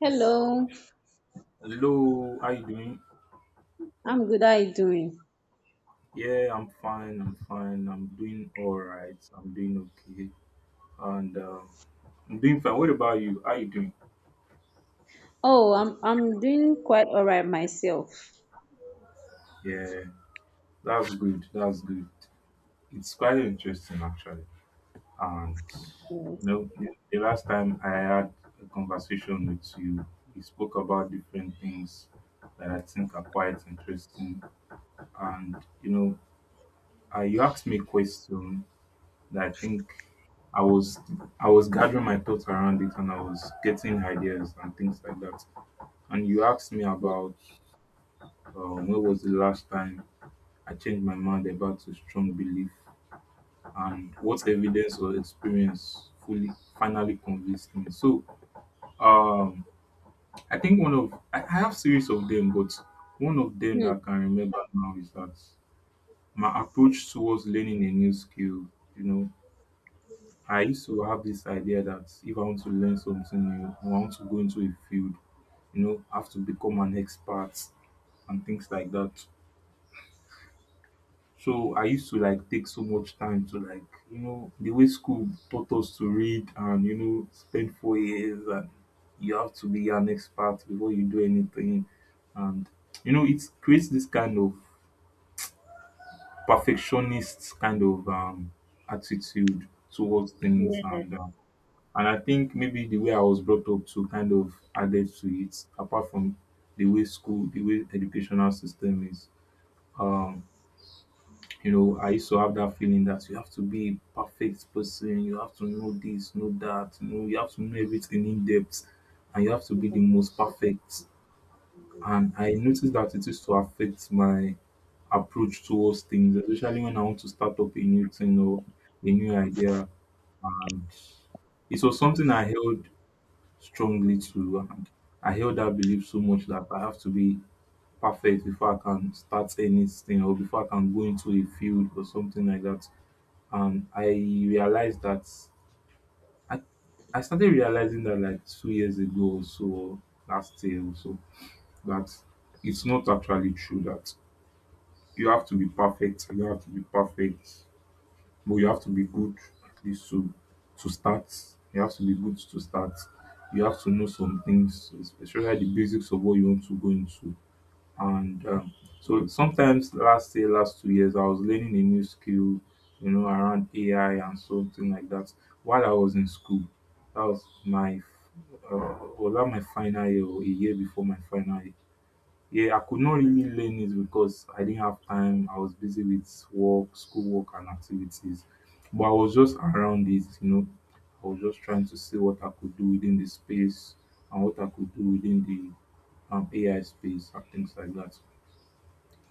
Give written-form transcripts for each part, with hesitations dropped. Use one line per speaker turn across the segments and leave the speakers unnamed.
Hello,
Hello, how you doing?
I'm good. How are you doing?
Yeah, I'm fine. I'm doing all right. Okay, and um, I'm doing fine. What about you? How you doing?
Oh, I'm doing quite all right myself.
Yeah, that's good. It's quite interesting actually. And
Mm.
you know, the last time I had a conversation with you, we spoke about different things that I think are quite interesting. And you know, you asked me a question, that I think I was I was gathering my thoughts around it and I was getting ideas and things like that. And you asked me about when was the last time I changed my mind about a strong belief and what evidence or experience fully finally convinced me. So um, I think one of I have series of them, but one of them that
Hmm.
I can remember now is that my approach towards learning a new skill, you know, I used to have this idea that if I want to learn something new, I want to go into a field, you know, have to become an expert and things like that. So I used to like take so much time to like, you know, the way school taught us to read and, you know, spend 4 years and you have to be an expert before you do anything. And, you know, it creates this kind of perfectionist kind of attitude towards things
Yes.
and um, And I think maybe the way I was brought up to kind of added to it, apart from the way school, the way educational system is. Um, you know, I used to have that feeling that you have to be a perfect person, you have to know this, know that, you know, you have to know everything in depth, and you have to be the most perfect. And I noticed that it used to affect my approach towards things, especially when I want to start up a new thing or a new idea. And it was something I held strongly to. And I held that belief so much that I have to be perfect before I can start anything or before I can go into a field or something like that. And I realized that I, I started realizing that like 2 years ago or so, or last year or so, that it's not actually true that you have to be perfect. You have to be perfect. But you have to be good at least to start. You have to be good to start. You have to know some things, especially the basics of what you want to go into. And so sometimes last year, last 2 years, I was learning a new skill, you know, around AI and something like that while I was in school. That was my was that my final year or a year before my final year. Yeah, I could not really learn it because I didn't have time. I was busy with work, schoolwork, and activities. But I was just around it, you know. I was just trying to see what I could do within the space and what I could do within the AI space and things like that.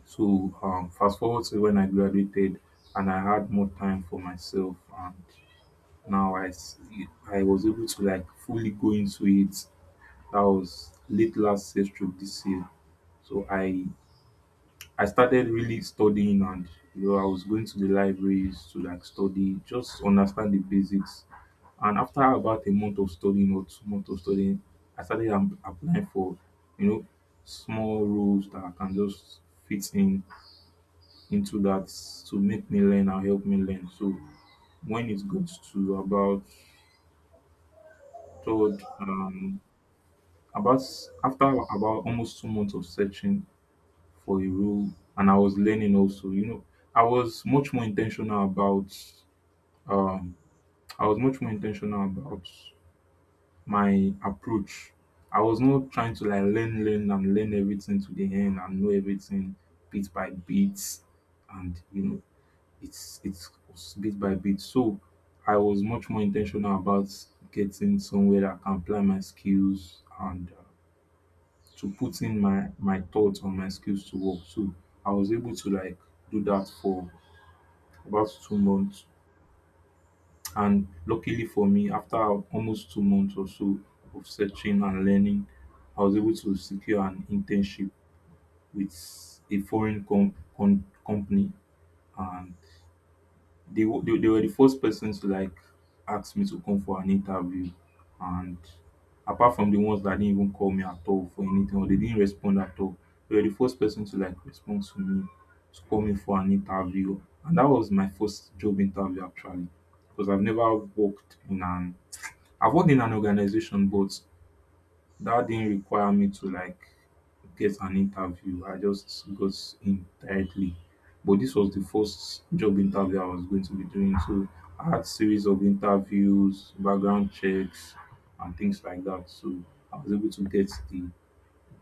So, fast forward to when I graduated and I had more time for myself, and now I, s- I was able to like fully go into it. That was late last year, stroke this year. So I started really studying and you know I was going to the libraries to like study, just understand the basics. And after about a month of studying or 2 months of studying, applying for you know small roles that I can just fit in into that to make me learn and help me learn. So when it goes to about third um after about almost 2 months of searching for a role and I was learning also. You know, I was much more intentional about um I was much more intentional about my approach. I was not trying to like learn, learn and learn everything to the end and know everything bit by bit and you know it's bit by bit. So I was much more intentional about getting somewhere that I can apply my skills and to put in my thoughts on my skills to work. So I was able to like do that for about 2 months and luckily for me after almost 2 months or so of searching and learning, I was able to secure an internship with a foreign company. And they were the first persons to like ask me to come for an interview. And apart from the ones that didn't even call me at all for anything or they didn't respond at all, they were the first person to like respond to me, to call me for an interview. And that was my first job interview actually, because I've worked in an organization but that didn't require me to like get an interview. I just got in directly. But this was the first job interview I was going to be doing. So I had series of interviews, background checks, and things like that. So I was able to get the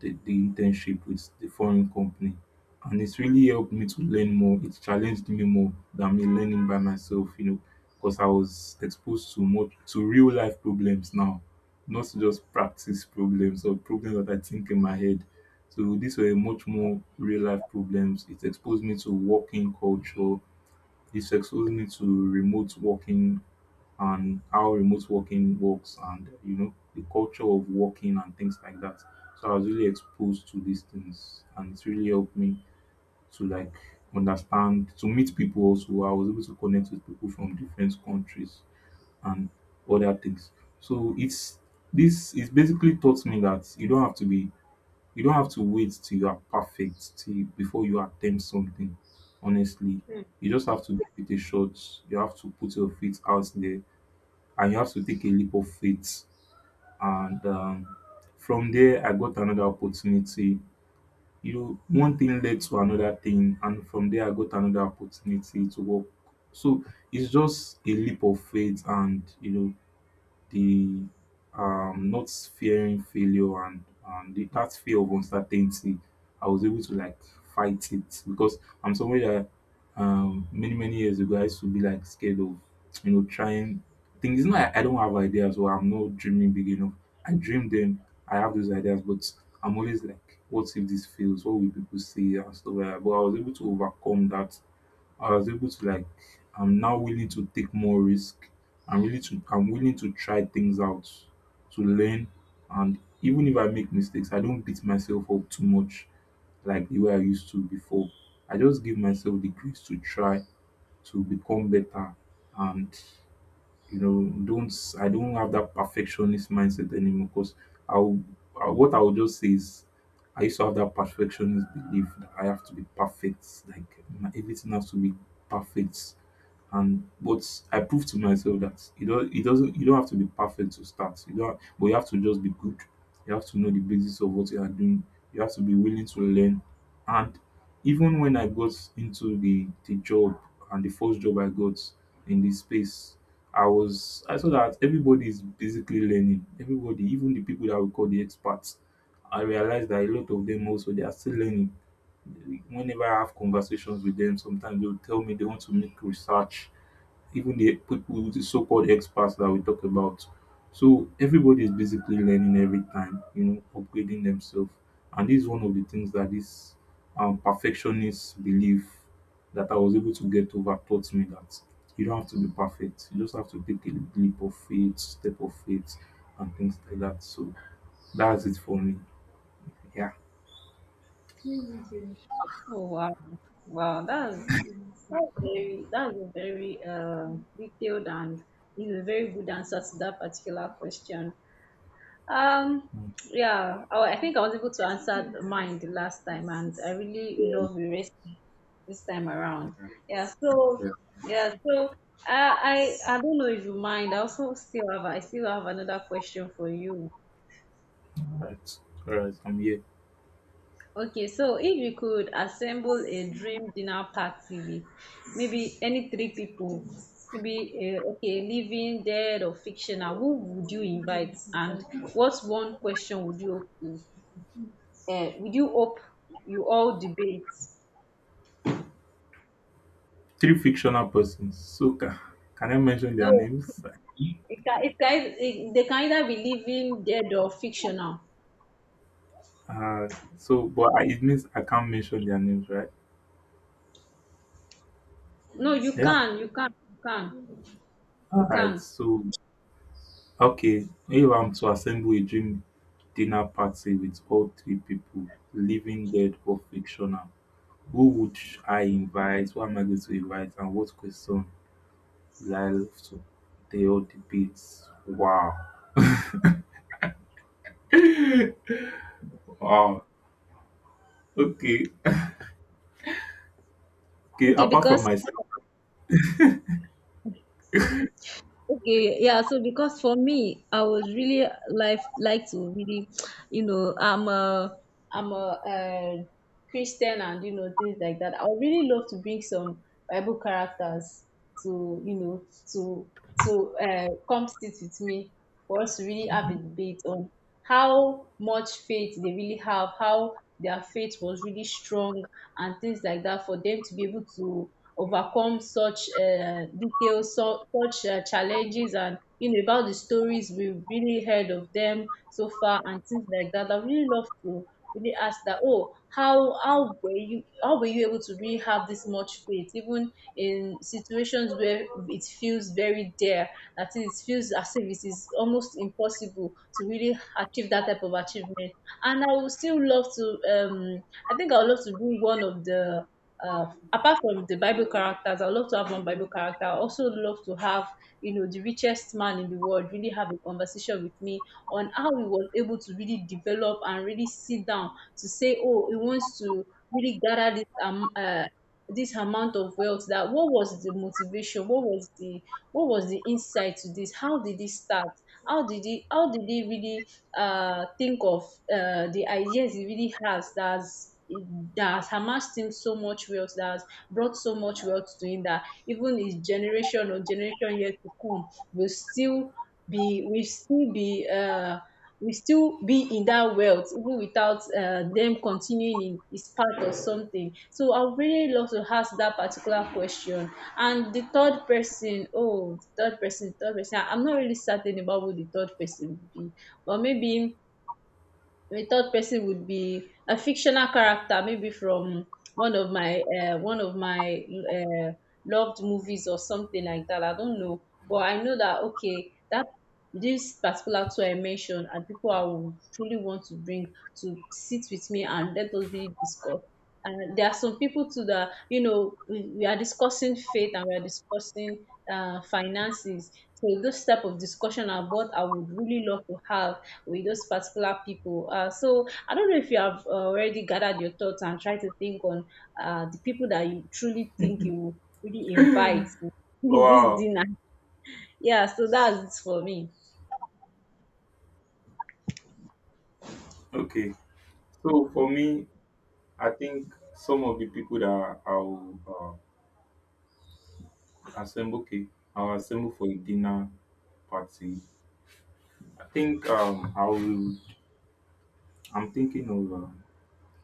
the, the internship with the foreign company, and it's really helped me to learn more. It challenged me more than me learning by myself, you know, because I was exposed to more to real life problems now, not just practice problems or problems that I think in my head. So these were much more real life problems. It exposed me to working culture. It exposed me to remote working and how remote working works, and you know the culture of working and things like that. So I was really exposed to these things, and it really helped me to like understand, to meet people also. I was able to connect with people from different countries and other things. So it's basically taught me that you don't have to wait till you are perfect till before you attempt something. Honestly,
Hmm.
you just have to give it a shot. You have to put your feet out there and you have to take a leap of faith. And from there, I got another opportunity. You know, one thing led to another thing, and from there, I got another opportunity to work. So it's just a leap of faith, and you know, the not fearing failure and that fear of uncertainty, I was able to like fight it because I'm somebody that many many years ago I used to be like scared of you know trying things. It's not I don't have ideas or I'm not dreaming big enough. I dream them, I have those ideas, but I'm always like, what if this fails, what will people say, and stuff like that. But I was able to overcome that. I was able to like I'm now willing to take more risk. I'm willing to try things out, to learn, and even if I make mistakes, I don't beat myself up too much like the way I used to before. I just give myself the grace to try to become better. And you know don't I don't have that perfectionist mindset anymore, because I'll what I will just say is I used to have that perfectionist belief that I have to be perfect, like everything has to be perfect. And but I proved to myself that it doesn't, you don't have to be perfect to start. You don't, but you have to just be good. You have to know the basis of what you are doing. You have to be willing to learn. And even when I got into the job and the first job I got in this space, I saw that everybody is basically learning. Everybody, even the people that we call the experts, I realized that a lot of them also they are still learning. Whenever I have conversations with them, sometimes they'll tell me they want to make research, even the people, the so-called experts that we talk about. So everybody is basically learning every time, you know, upgrading themselves. And this is one of the things that this perfectionist belief that I was able to get over taught me that you don't have to be perfect. You just have to take a leap of faith, step of faith, and things like that. So that's it for me. Yeah.
Oh, wow, wow, that's a very detailed and is a very good answer to that particular question. Um,
Mm.
yeah, oh, I think I was able to answer mine the last time, and I really
All
love the race this time around. Yeah, so yeah, so I don't know if you mind. I still have another question for you.
right. I'm here.
Okay, so if you could assemble a dream dinner party with maybe any three people, maybe okay, living, dead, or fictional, who would you invite, and what's one question would you, we do hope you all debate.
Three fictional persons. Can I mention their
No,
names?
they can either be living, dead, or fictional.
Uh, so, but I, it means I can't mention their names, right?
No, you
Yeah.
can, you can, you can,
All
you
right.
can.
So, okay. If I'm to assemble a dream dinner party with all three people, living, dead, or fictional, who would I invite? Who am I going to invite? And what question will I love to they all debate? Wow. Wow. Okay. Okay.
Okay,
Apart from
because
myself.
Okay, yeah. So because for me, I was really, to really, you know, I'm a Christian, and you know, things like that. I would really love to bring some Bible characters to, you know, to to come sit with me for us to really have a debate on how much faith they really have, how their faith was really strong, and things like that, for them to be able to overcome such details, so such challenges, and you know, about the stories we've really heard of them so far and things like that. I really love to really ask that, oh, how were you able to really have this much faith, even in situations where it feels very dare, that is, it feels as if it is almost impossible to really achieve that type of achievement. And I would still love to, I think I would love to bring one of the, uh, apart from the Bible characters, I would love to have one Bible character. I also love to have, you know, the richest man in the world really have a conversation with me on how he was able to really develop and really sit down to say, oh, he wants to really gather this, this amount of wealth. That, what was the motivation, what was the insight to this, how did this start, how did he really think of, the ideas he really has, that has amassed him so much wealth, that has brought so much wealth to him, that even his generation or generation yet to come will still be will still be uh, will still be in that wealth, even without, them continuing in his path or something. So I would really love to ask that particular question. And the third person, oh, third person, I'm not really certain about who the third person would be, but maybe a third person would be a fictional character, maybe from one of my, uh, loved movies or something like that. I don't know, but I know that, okay, that this particular two I mentioned are people I would truly want to bring to sit with me and let us really discuss, there are some people too that, you know, we are discussing faith, and we are discussing, finances. So those type of discussion are what I would really love to have with those particular people. So I don't know if you have already gathered your thoughts and try to think on, the people that you truly think you will really invite in this
Wow.
dinner. Yeah, so that's for me.
Okay. So, for me, I think some of the people that I'll assemble, okay, I'll assemble for a dinner party, I think I will I'm thinking of,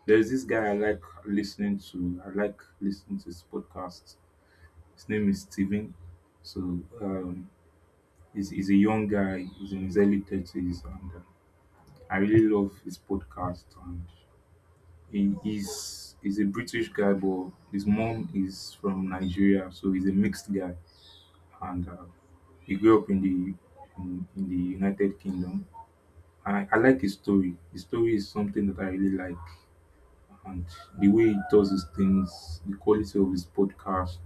there's this guy I like listening to, I like listening to his podcast. His name is Steven. So um he's a young guy, he's in his early 30s, and I really love his podcast. And he's he's a British guy, but his mom is from Nigeria, so he's a mixed guy. And he grew up in the in the United Kingdom. And I like his story. His story is something that I really like, and the way he does his things, the quality of his podcast,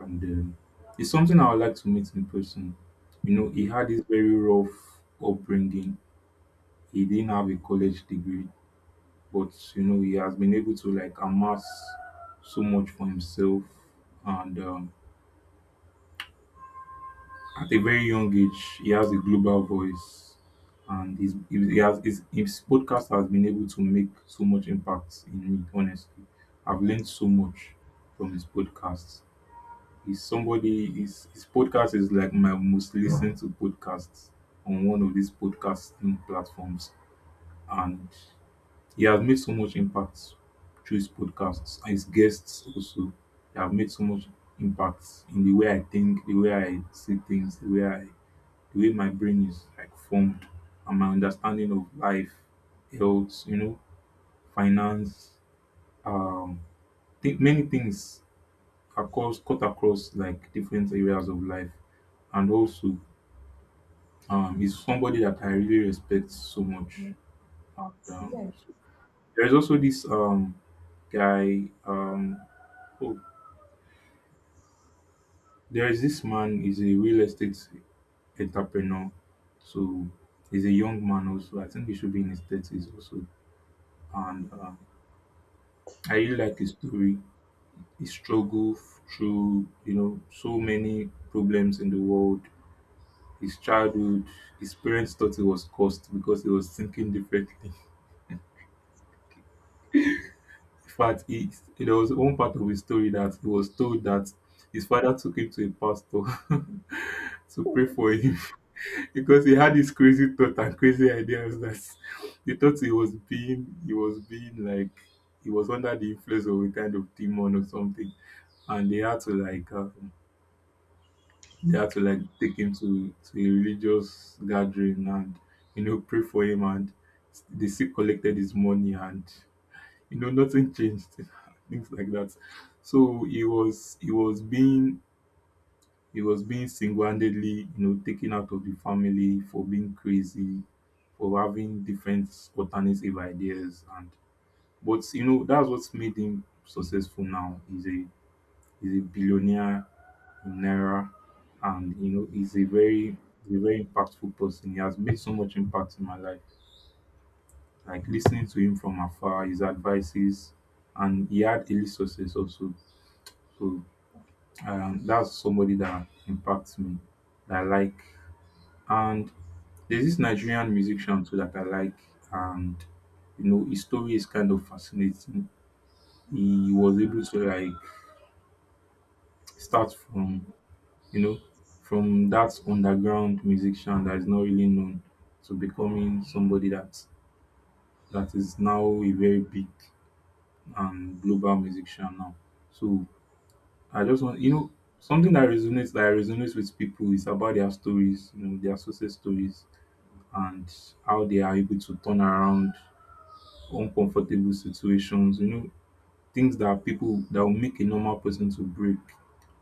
and it's something I would like to meet in person. You know, he had this very rough upbringing. He didn't have a college degree, but you know, he has been able to like amass so much for himself, and at a very young age, he has a global voice, and his podcast has been able to make so much impact in me. Honestly, I've learned so much from his podcast. He's somebody. His podcast is like my most listened to podcast on one of these podcasting platforms, and he has made so much impact through his podcasts and his guests also. They have made so much impact in the way I think, the way I see things, the way my brain is like formed, and my understanding of life, health, you know, finance, um, think many things across cut across like different areas of life, and also is somebody that I really respect so much. Um, there is also this guy, oh, there is this man, is a real estate entrepreneur. So he's a young man also. I think he should be in his thirties also, and I really like his story. He struggled through, you know, so many problems in the world. His childhood, his parents thought he was cursed because he was thinking differently. In fact, he, there was one part of his story that he was told that his father took him to a pastor to pray for him because he had this crazy thought and crazy ideas that he thought he was being like, he was under the influence of a kind of demon or something, and they had to like. They had to like take him to a religious gathering and you know pray for him, and they still collected his money, and you know nothing changed things like that. So he was being he was being single-handedly, you know, taken out of the family for being crazy, for having different alternative ideas. And but you know that's what's made him successful now. He's a billionaire in Naira, and you know, he's a very impactful person. He has made so much impact in my life. Like listening to him from afar, his advices, and he had early success also. So that's somebody that impacts me, that I like. And there's this Nigerian musician too that I like, and you know, his story is kind of fascinating. He was able to like start from you know, from that underground musician that is not really known to becoming somebody that is now a very big and global musician now. So I just want you know something that resonates with people is about their stories, you know, their success stories, and how they are able to turn around uncomfortable situations, you know, things that people that will make a normal person to break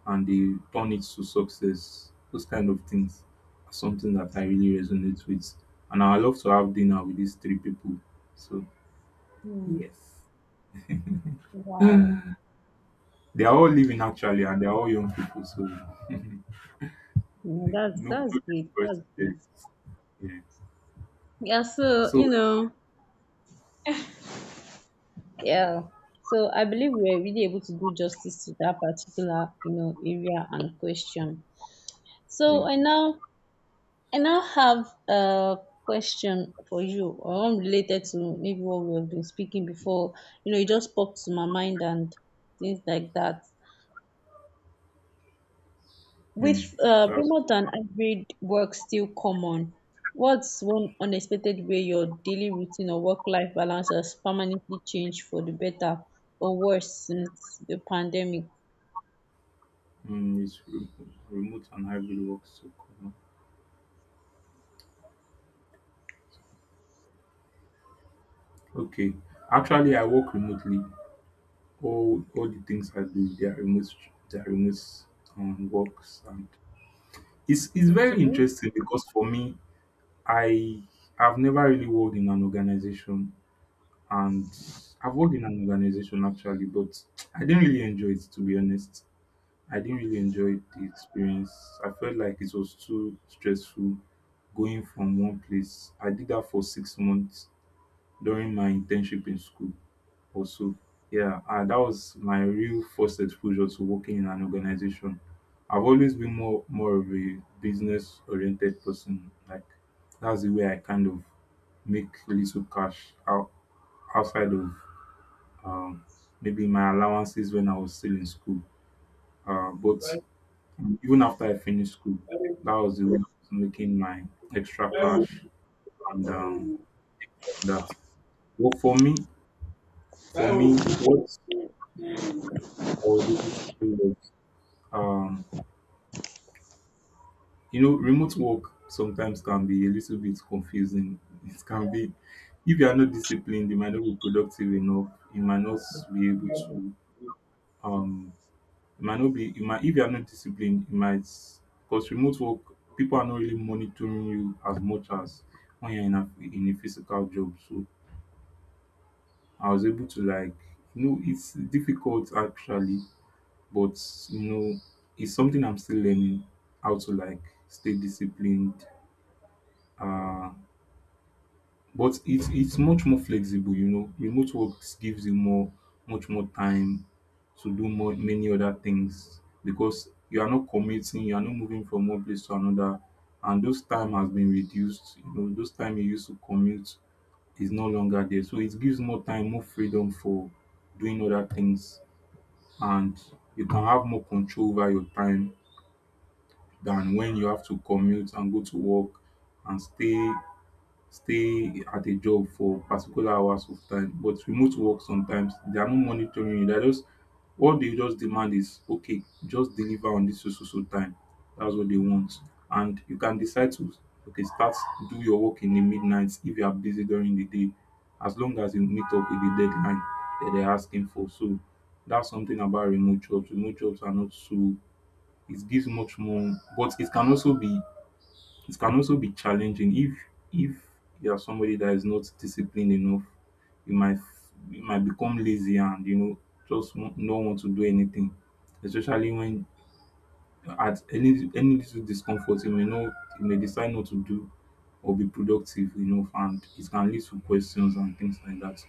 and they turn it to success. Those kind of things are something that I really resonate with. And I love to have dinner with these three people. So
Hmm. Wow.
they are all living actually, and they are all young people. So no,
Yeah, that's
no
that's good.
difference
That's
there.
good.
Yeah.
Yeah, so
So
you know. Yeah. So I believe we're really able to do justice to that particular, you know, area and question. So
yeah.
I now have a question for you, or one related to maybe what we have been speaking before. You know, it just popped to my mind and things like that. With,
Mm, that's
remote and hybrid work still common, what's one unexpected way your daily routine or work-life balance has permanently changed for the better or worse since the pandemic?
mm, it's re- remote and hybrid work so cool. Okay. Actually I work remotely, all the things I do, their remote works, and it's
Okay.
very interesting because for me, I have never really worked in an organization, and I've worked in an organization actually, but I didn't really enjoy it to be honest. I didn't really enjoy the experience. I felt like it was too stressful going from one place. I did that for 6 months during my internship in school. Also, yeah, and that was my real first exposure to working in an organization. I've always been more of a business oriented person. Like that's the way I kind of make little cash out outside of, um, maybe my allowances when I was still in school. But even after I finished school, that was the way I was making my extra cash, and that. Well, for me, what I was able to do was, um, you know, remote work sometimes can be a little bit confusing. It can be, if you are not disciplined, you might not be productive enough. You might not be able to, um, you might not be, you might, If you are not disciplined, you might, because remote work, people are not really monitoring you as much as when you're in a physical job. So I was able to, like, you know, it's difficult actually, but, you know, it's something I'm still learning how to, like, stay disciplined. Uh, But it's much more flexible, you know. Remote work gives you more much more time to do more many other things because you are not commuting, you are not moving from one place to another, and those time has been reduced. You know, those time you used to commute is no longer there. So it gives more time, more freedom for doing other things, and you can have more control over your time than when you have to commute and go to work and stay at a job for particular hours of time. But remote work sometimes they are not monitoring you. They're just what they just demand is okay, just deliver on this so so so time. That's what they want. And you can decide to okay, start do your work in the midnight if you are busy during the day, as long as you meet up with the deadline that they're asking for. So that's something about remote jobs. Remote jobs are not so it gives much more, but it can also be challenging if if you are somebody that is not disciplined enough, you might you might become lazy and you know just won't not want to do anything, especially when at any little discomfort you may not, you may decide not to do or be productive enough, and it can lead to questions and things like that.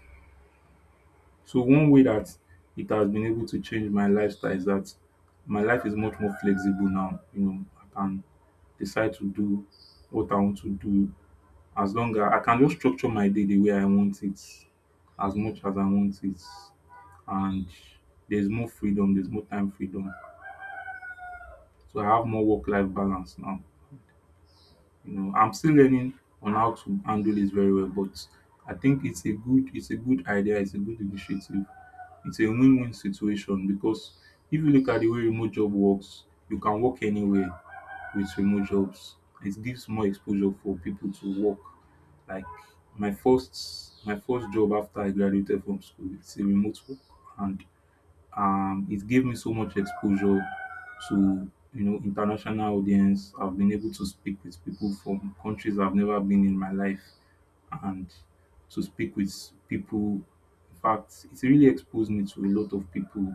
So one way that it has been able to change my lifestyle is that my life is much more flexible now. You know, I can decide to do what I want to do, as long as I can just structure my day the way I want it, as much as I want it, and there's more freedom, there's more time freedom. So I have more work-life balance now. You know, I'm still learning on how to handle this very well, but I think it's a good idea, it's a good initiative. It's a win-win situation because if you look at the way remote job works, you can work anywhere with remote jobs. It gives more exposure for people to work. Like my first job after I graduated from school, it's a remote work, and it gave me so much exposure to you know international audience. I've been able to speak with people from countries I've never been in my life, and to speak with people, in fact it really exposed me to a lot of people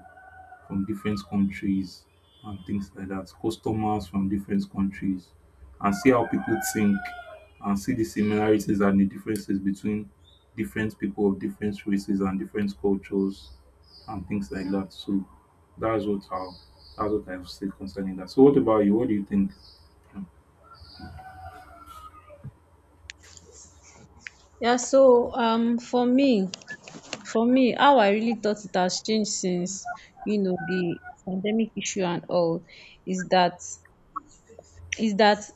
from different countries and things like that, customers from different countries, and see how people think and see the similarities and the differences between different people of different races and different cultures and things like that. So that's what I that's what I've said concerning that. So what about you? What do you think?
Yeah, so for me, how I really thought it has changed since, you know, the pandemic issue and all, is that, is that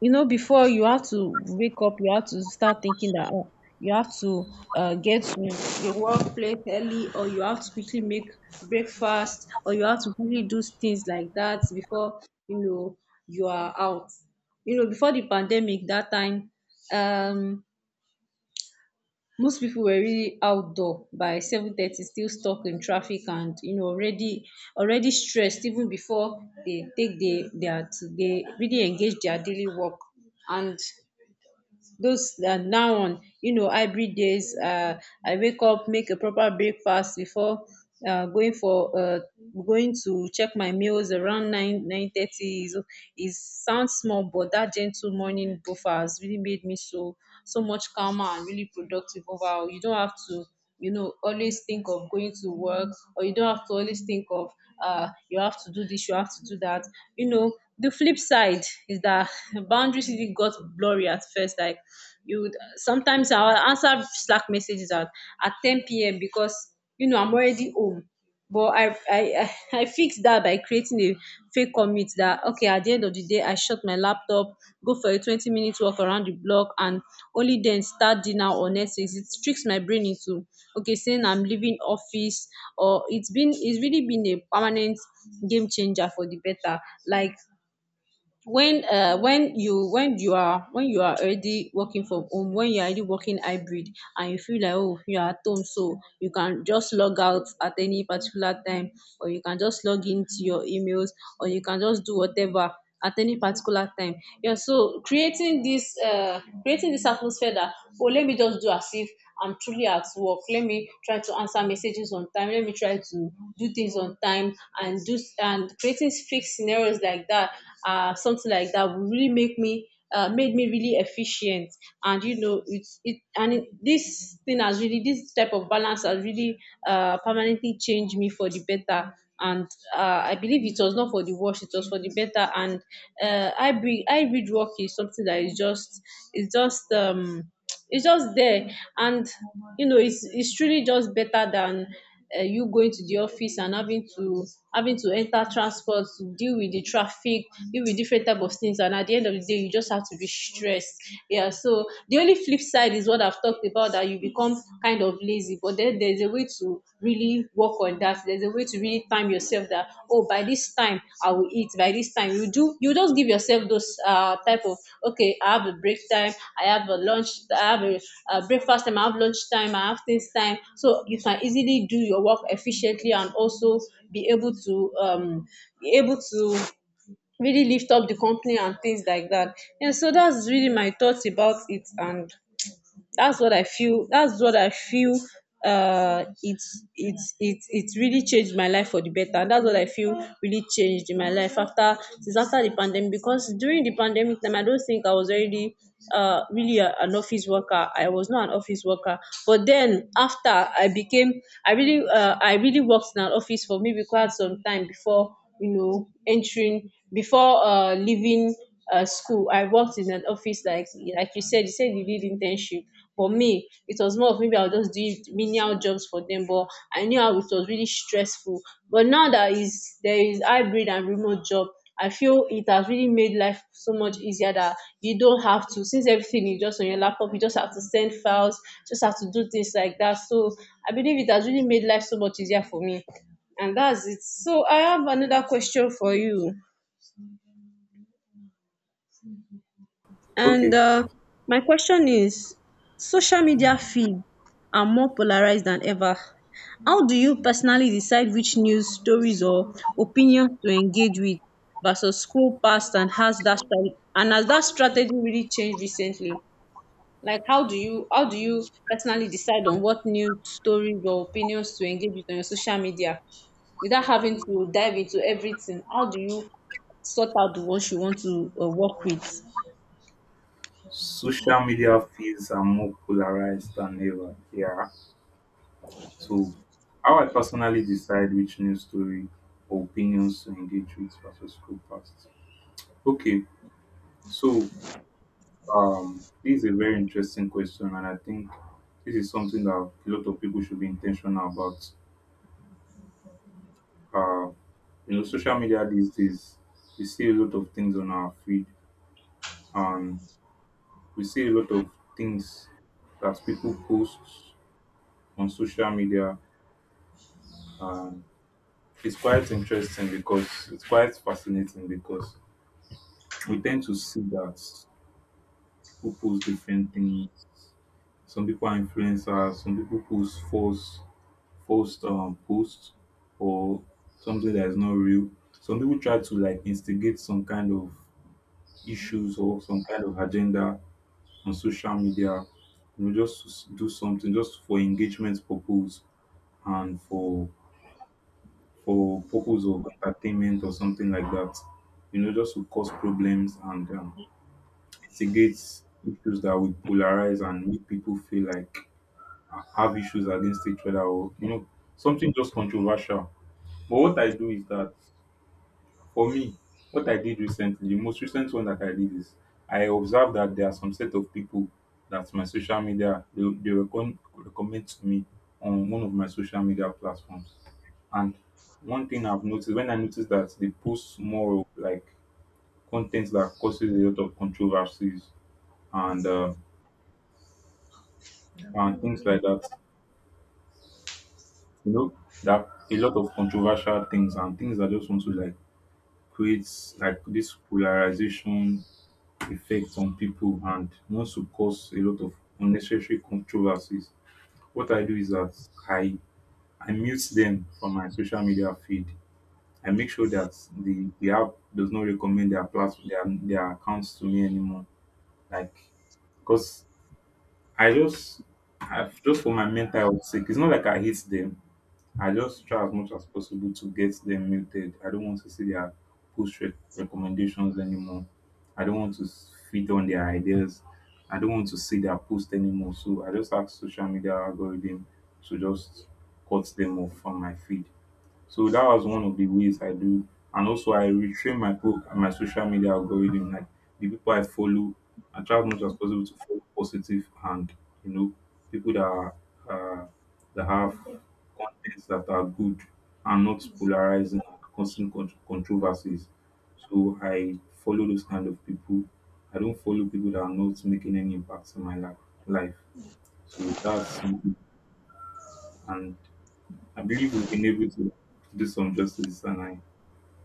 you know, before you have to wake up, you have to start thinking that, oh, you have to, get to your workplace early, or you have to quickly make breakfast, or you have to really do things like that before, you know, you are out. You know, before the pandemic, that time, um most people were really outdoor by 7:30, still stuck in traffic, and you know, already stressed even before they take the their they really engage their daily work. And those, now on, you know, hybrid days, I wake up, make a proper breakfast before, uh, going for uh, going to check my meals around 9 9:30. Is is sounds small, but that gentle morning buffer has really made me so, much calmer and really productive overall. You don't have to, you know, always think of going to work, or you don't have to always think of, you have to do this, you have to do that. You know, the flip side is that boundaries really got blurry at first. Like, you would sometimes I'll answer Slack messages at 10 p.m. because you know, I'm already home. But I I fixed that by creating a fake commit that, okay, at the end of the day I shut my laptop, go for a 20-minute walk around the block, and only then start dinner or Netflix. It tricks my brain into, okay, saying I'm leaving office. Or it's really been a permanent game changer for the better. Like, when you are, already working from home, when you are already working hybrid, and you feel like, oh, you are at home, so you can just log out at any particular time, or you can just log into your emails, or you can just do whatever at any particular time. Yeah, so creating this atmosphere that, oh, let me just do as if I'm truly at work, let me try to answer messages on time, let me try to do things on time, and do, and creating fake scenarios like that, something like that would really make me, made me really efficient. And you know, it's it and it, this thing has really this type of balance has really, permanently changed me for the better. And, I believe it was not for the worse, it was for the better. And, I read work is something that is just, it's just um it's just there. And you know, it's truly just better than, you going to the office and having to enter transport to deal with the traffic, deal with different type of things, and at the end of the day, you just have to be stressed. Yeah. So the only flip side is what I've talked about, that you become kind of lazy, but then there's a way to really work on that. There's a way to really time yourself that, oh, by this time I will eat. By this time you just give yourself those, type of, okay, I have a break time, I have a lunch, I have a breakfast time, I have lunch time, I have things time. So you can easily do your work efficiently and also be able to um be able to really lift up the company and things like that. Yeah. So that's really my thoughts about it. And that's what I feel, it's really changed my life for the better. And that's what I feel really changed in my life, after since after the pandemic, because during the pandemic time I don't think I was already, really an office worker. I was not an office worker. But then after I really, I really worked in an office for maybe quite some time before, you know, entering before leaving, school. I worked in an office, like you said, you did internship. For me, it was more of maybe I was just doing menial jobs for them, but I knew how it was really stressful. But now that is there is hybrid and remote job, I feel it has really made life so much easier, that you don't have to, since everything is just on your laptop, you just have to send files, just have to do things like that. So I believe it has really made life so much easier for me. And that's it. So I have another question for you. And,
Okay.
my question is, social media feeds are more polarized than ever. How do you personally decide which news stories or opinions to engage with versus scroll past, and has that strategy really changed recently? Like, how do you personally decide on what news stories or opinions to engage with on your social media without having to dive into everything? How do you sort out the ones you want to, work with?
Social media feeds are more polarized than ever. Yeah. So, how I personally decide which news story or opinions to engage with versus scroll past. Okay, so, this is a very interesting question, and I think this is something that a lot of people should be intentional about. Uh, you know, social media these days, we see a lot of things on our feed, and we see a lot of things that people post on social media. And it's quite fascinating because we tend to see that people post different things. Some people are influencers, some people post false posts or something that is not real. Some people try to like instigate some kind of issues or some kind of agenda on social media, you know, just to do something just for engagement purpose, and for purpose of entertainment or something like that. You know, just to cause problems and, mitigates issues that would polarize and make people feel like have issues against each other, or you know something just controversial. But what I do is that for me, what I did recently, the most recent one that I did is I observed that there are some set of people that my social media they recommend to me on one of my social media platforms. And one thing I've noticed, when I noticed that they post more of like content that causes a lot of controversies and uh, and things like that. You know, that a lot of controversial things and things that just want to like create like this polarization effect on people, and wants to cause a lot of unnecessary controversies. What I do is that I I mute them from my social media feed. I make sure that the app does not recommend their accounts to me anymore. Like because I just, I've just for my mental health sake, it's not like I hate them. I just try as much as possible to get them muted. I don't want to see their recommendations anymore. I don't want to feed on their ideas. I don't want to see their post anymore. So I just ask social media algorithm to just cut them off from my feed. So that was one of the ways I do. And also I retrain my pro and my social media algorithm, like the people I follow. I try as much as possible to follow positive and you know people that are, uh, that have contents that are good and not polarizing and causing controversies. So I follow those kind of people. I don't follow people that are not making any impact in my life. Life. So that's something. And I believe we've been able to do some justice, and I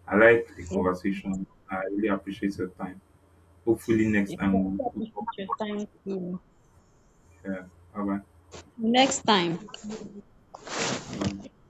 I like the conversation. I really appreciate your time. Hopefully next
You
time
better
we'll
appreciate your
talk.
time too.
Yeah. Bye
Next time.
bye.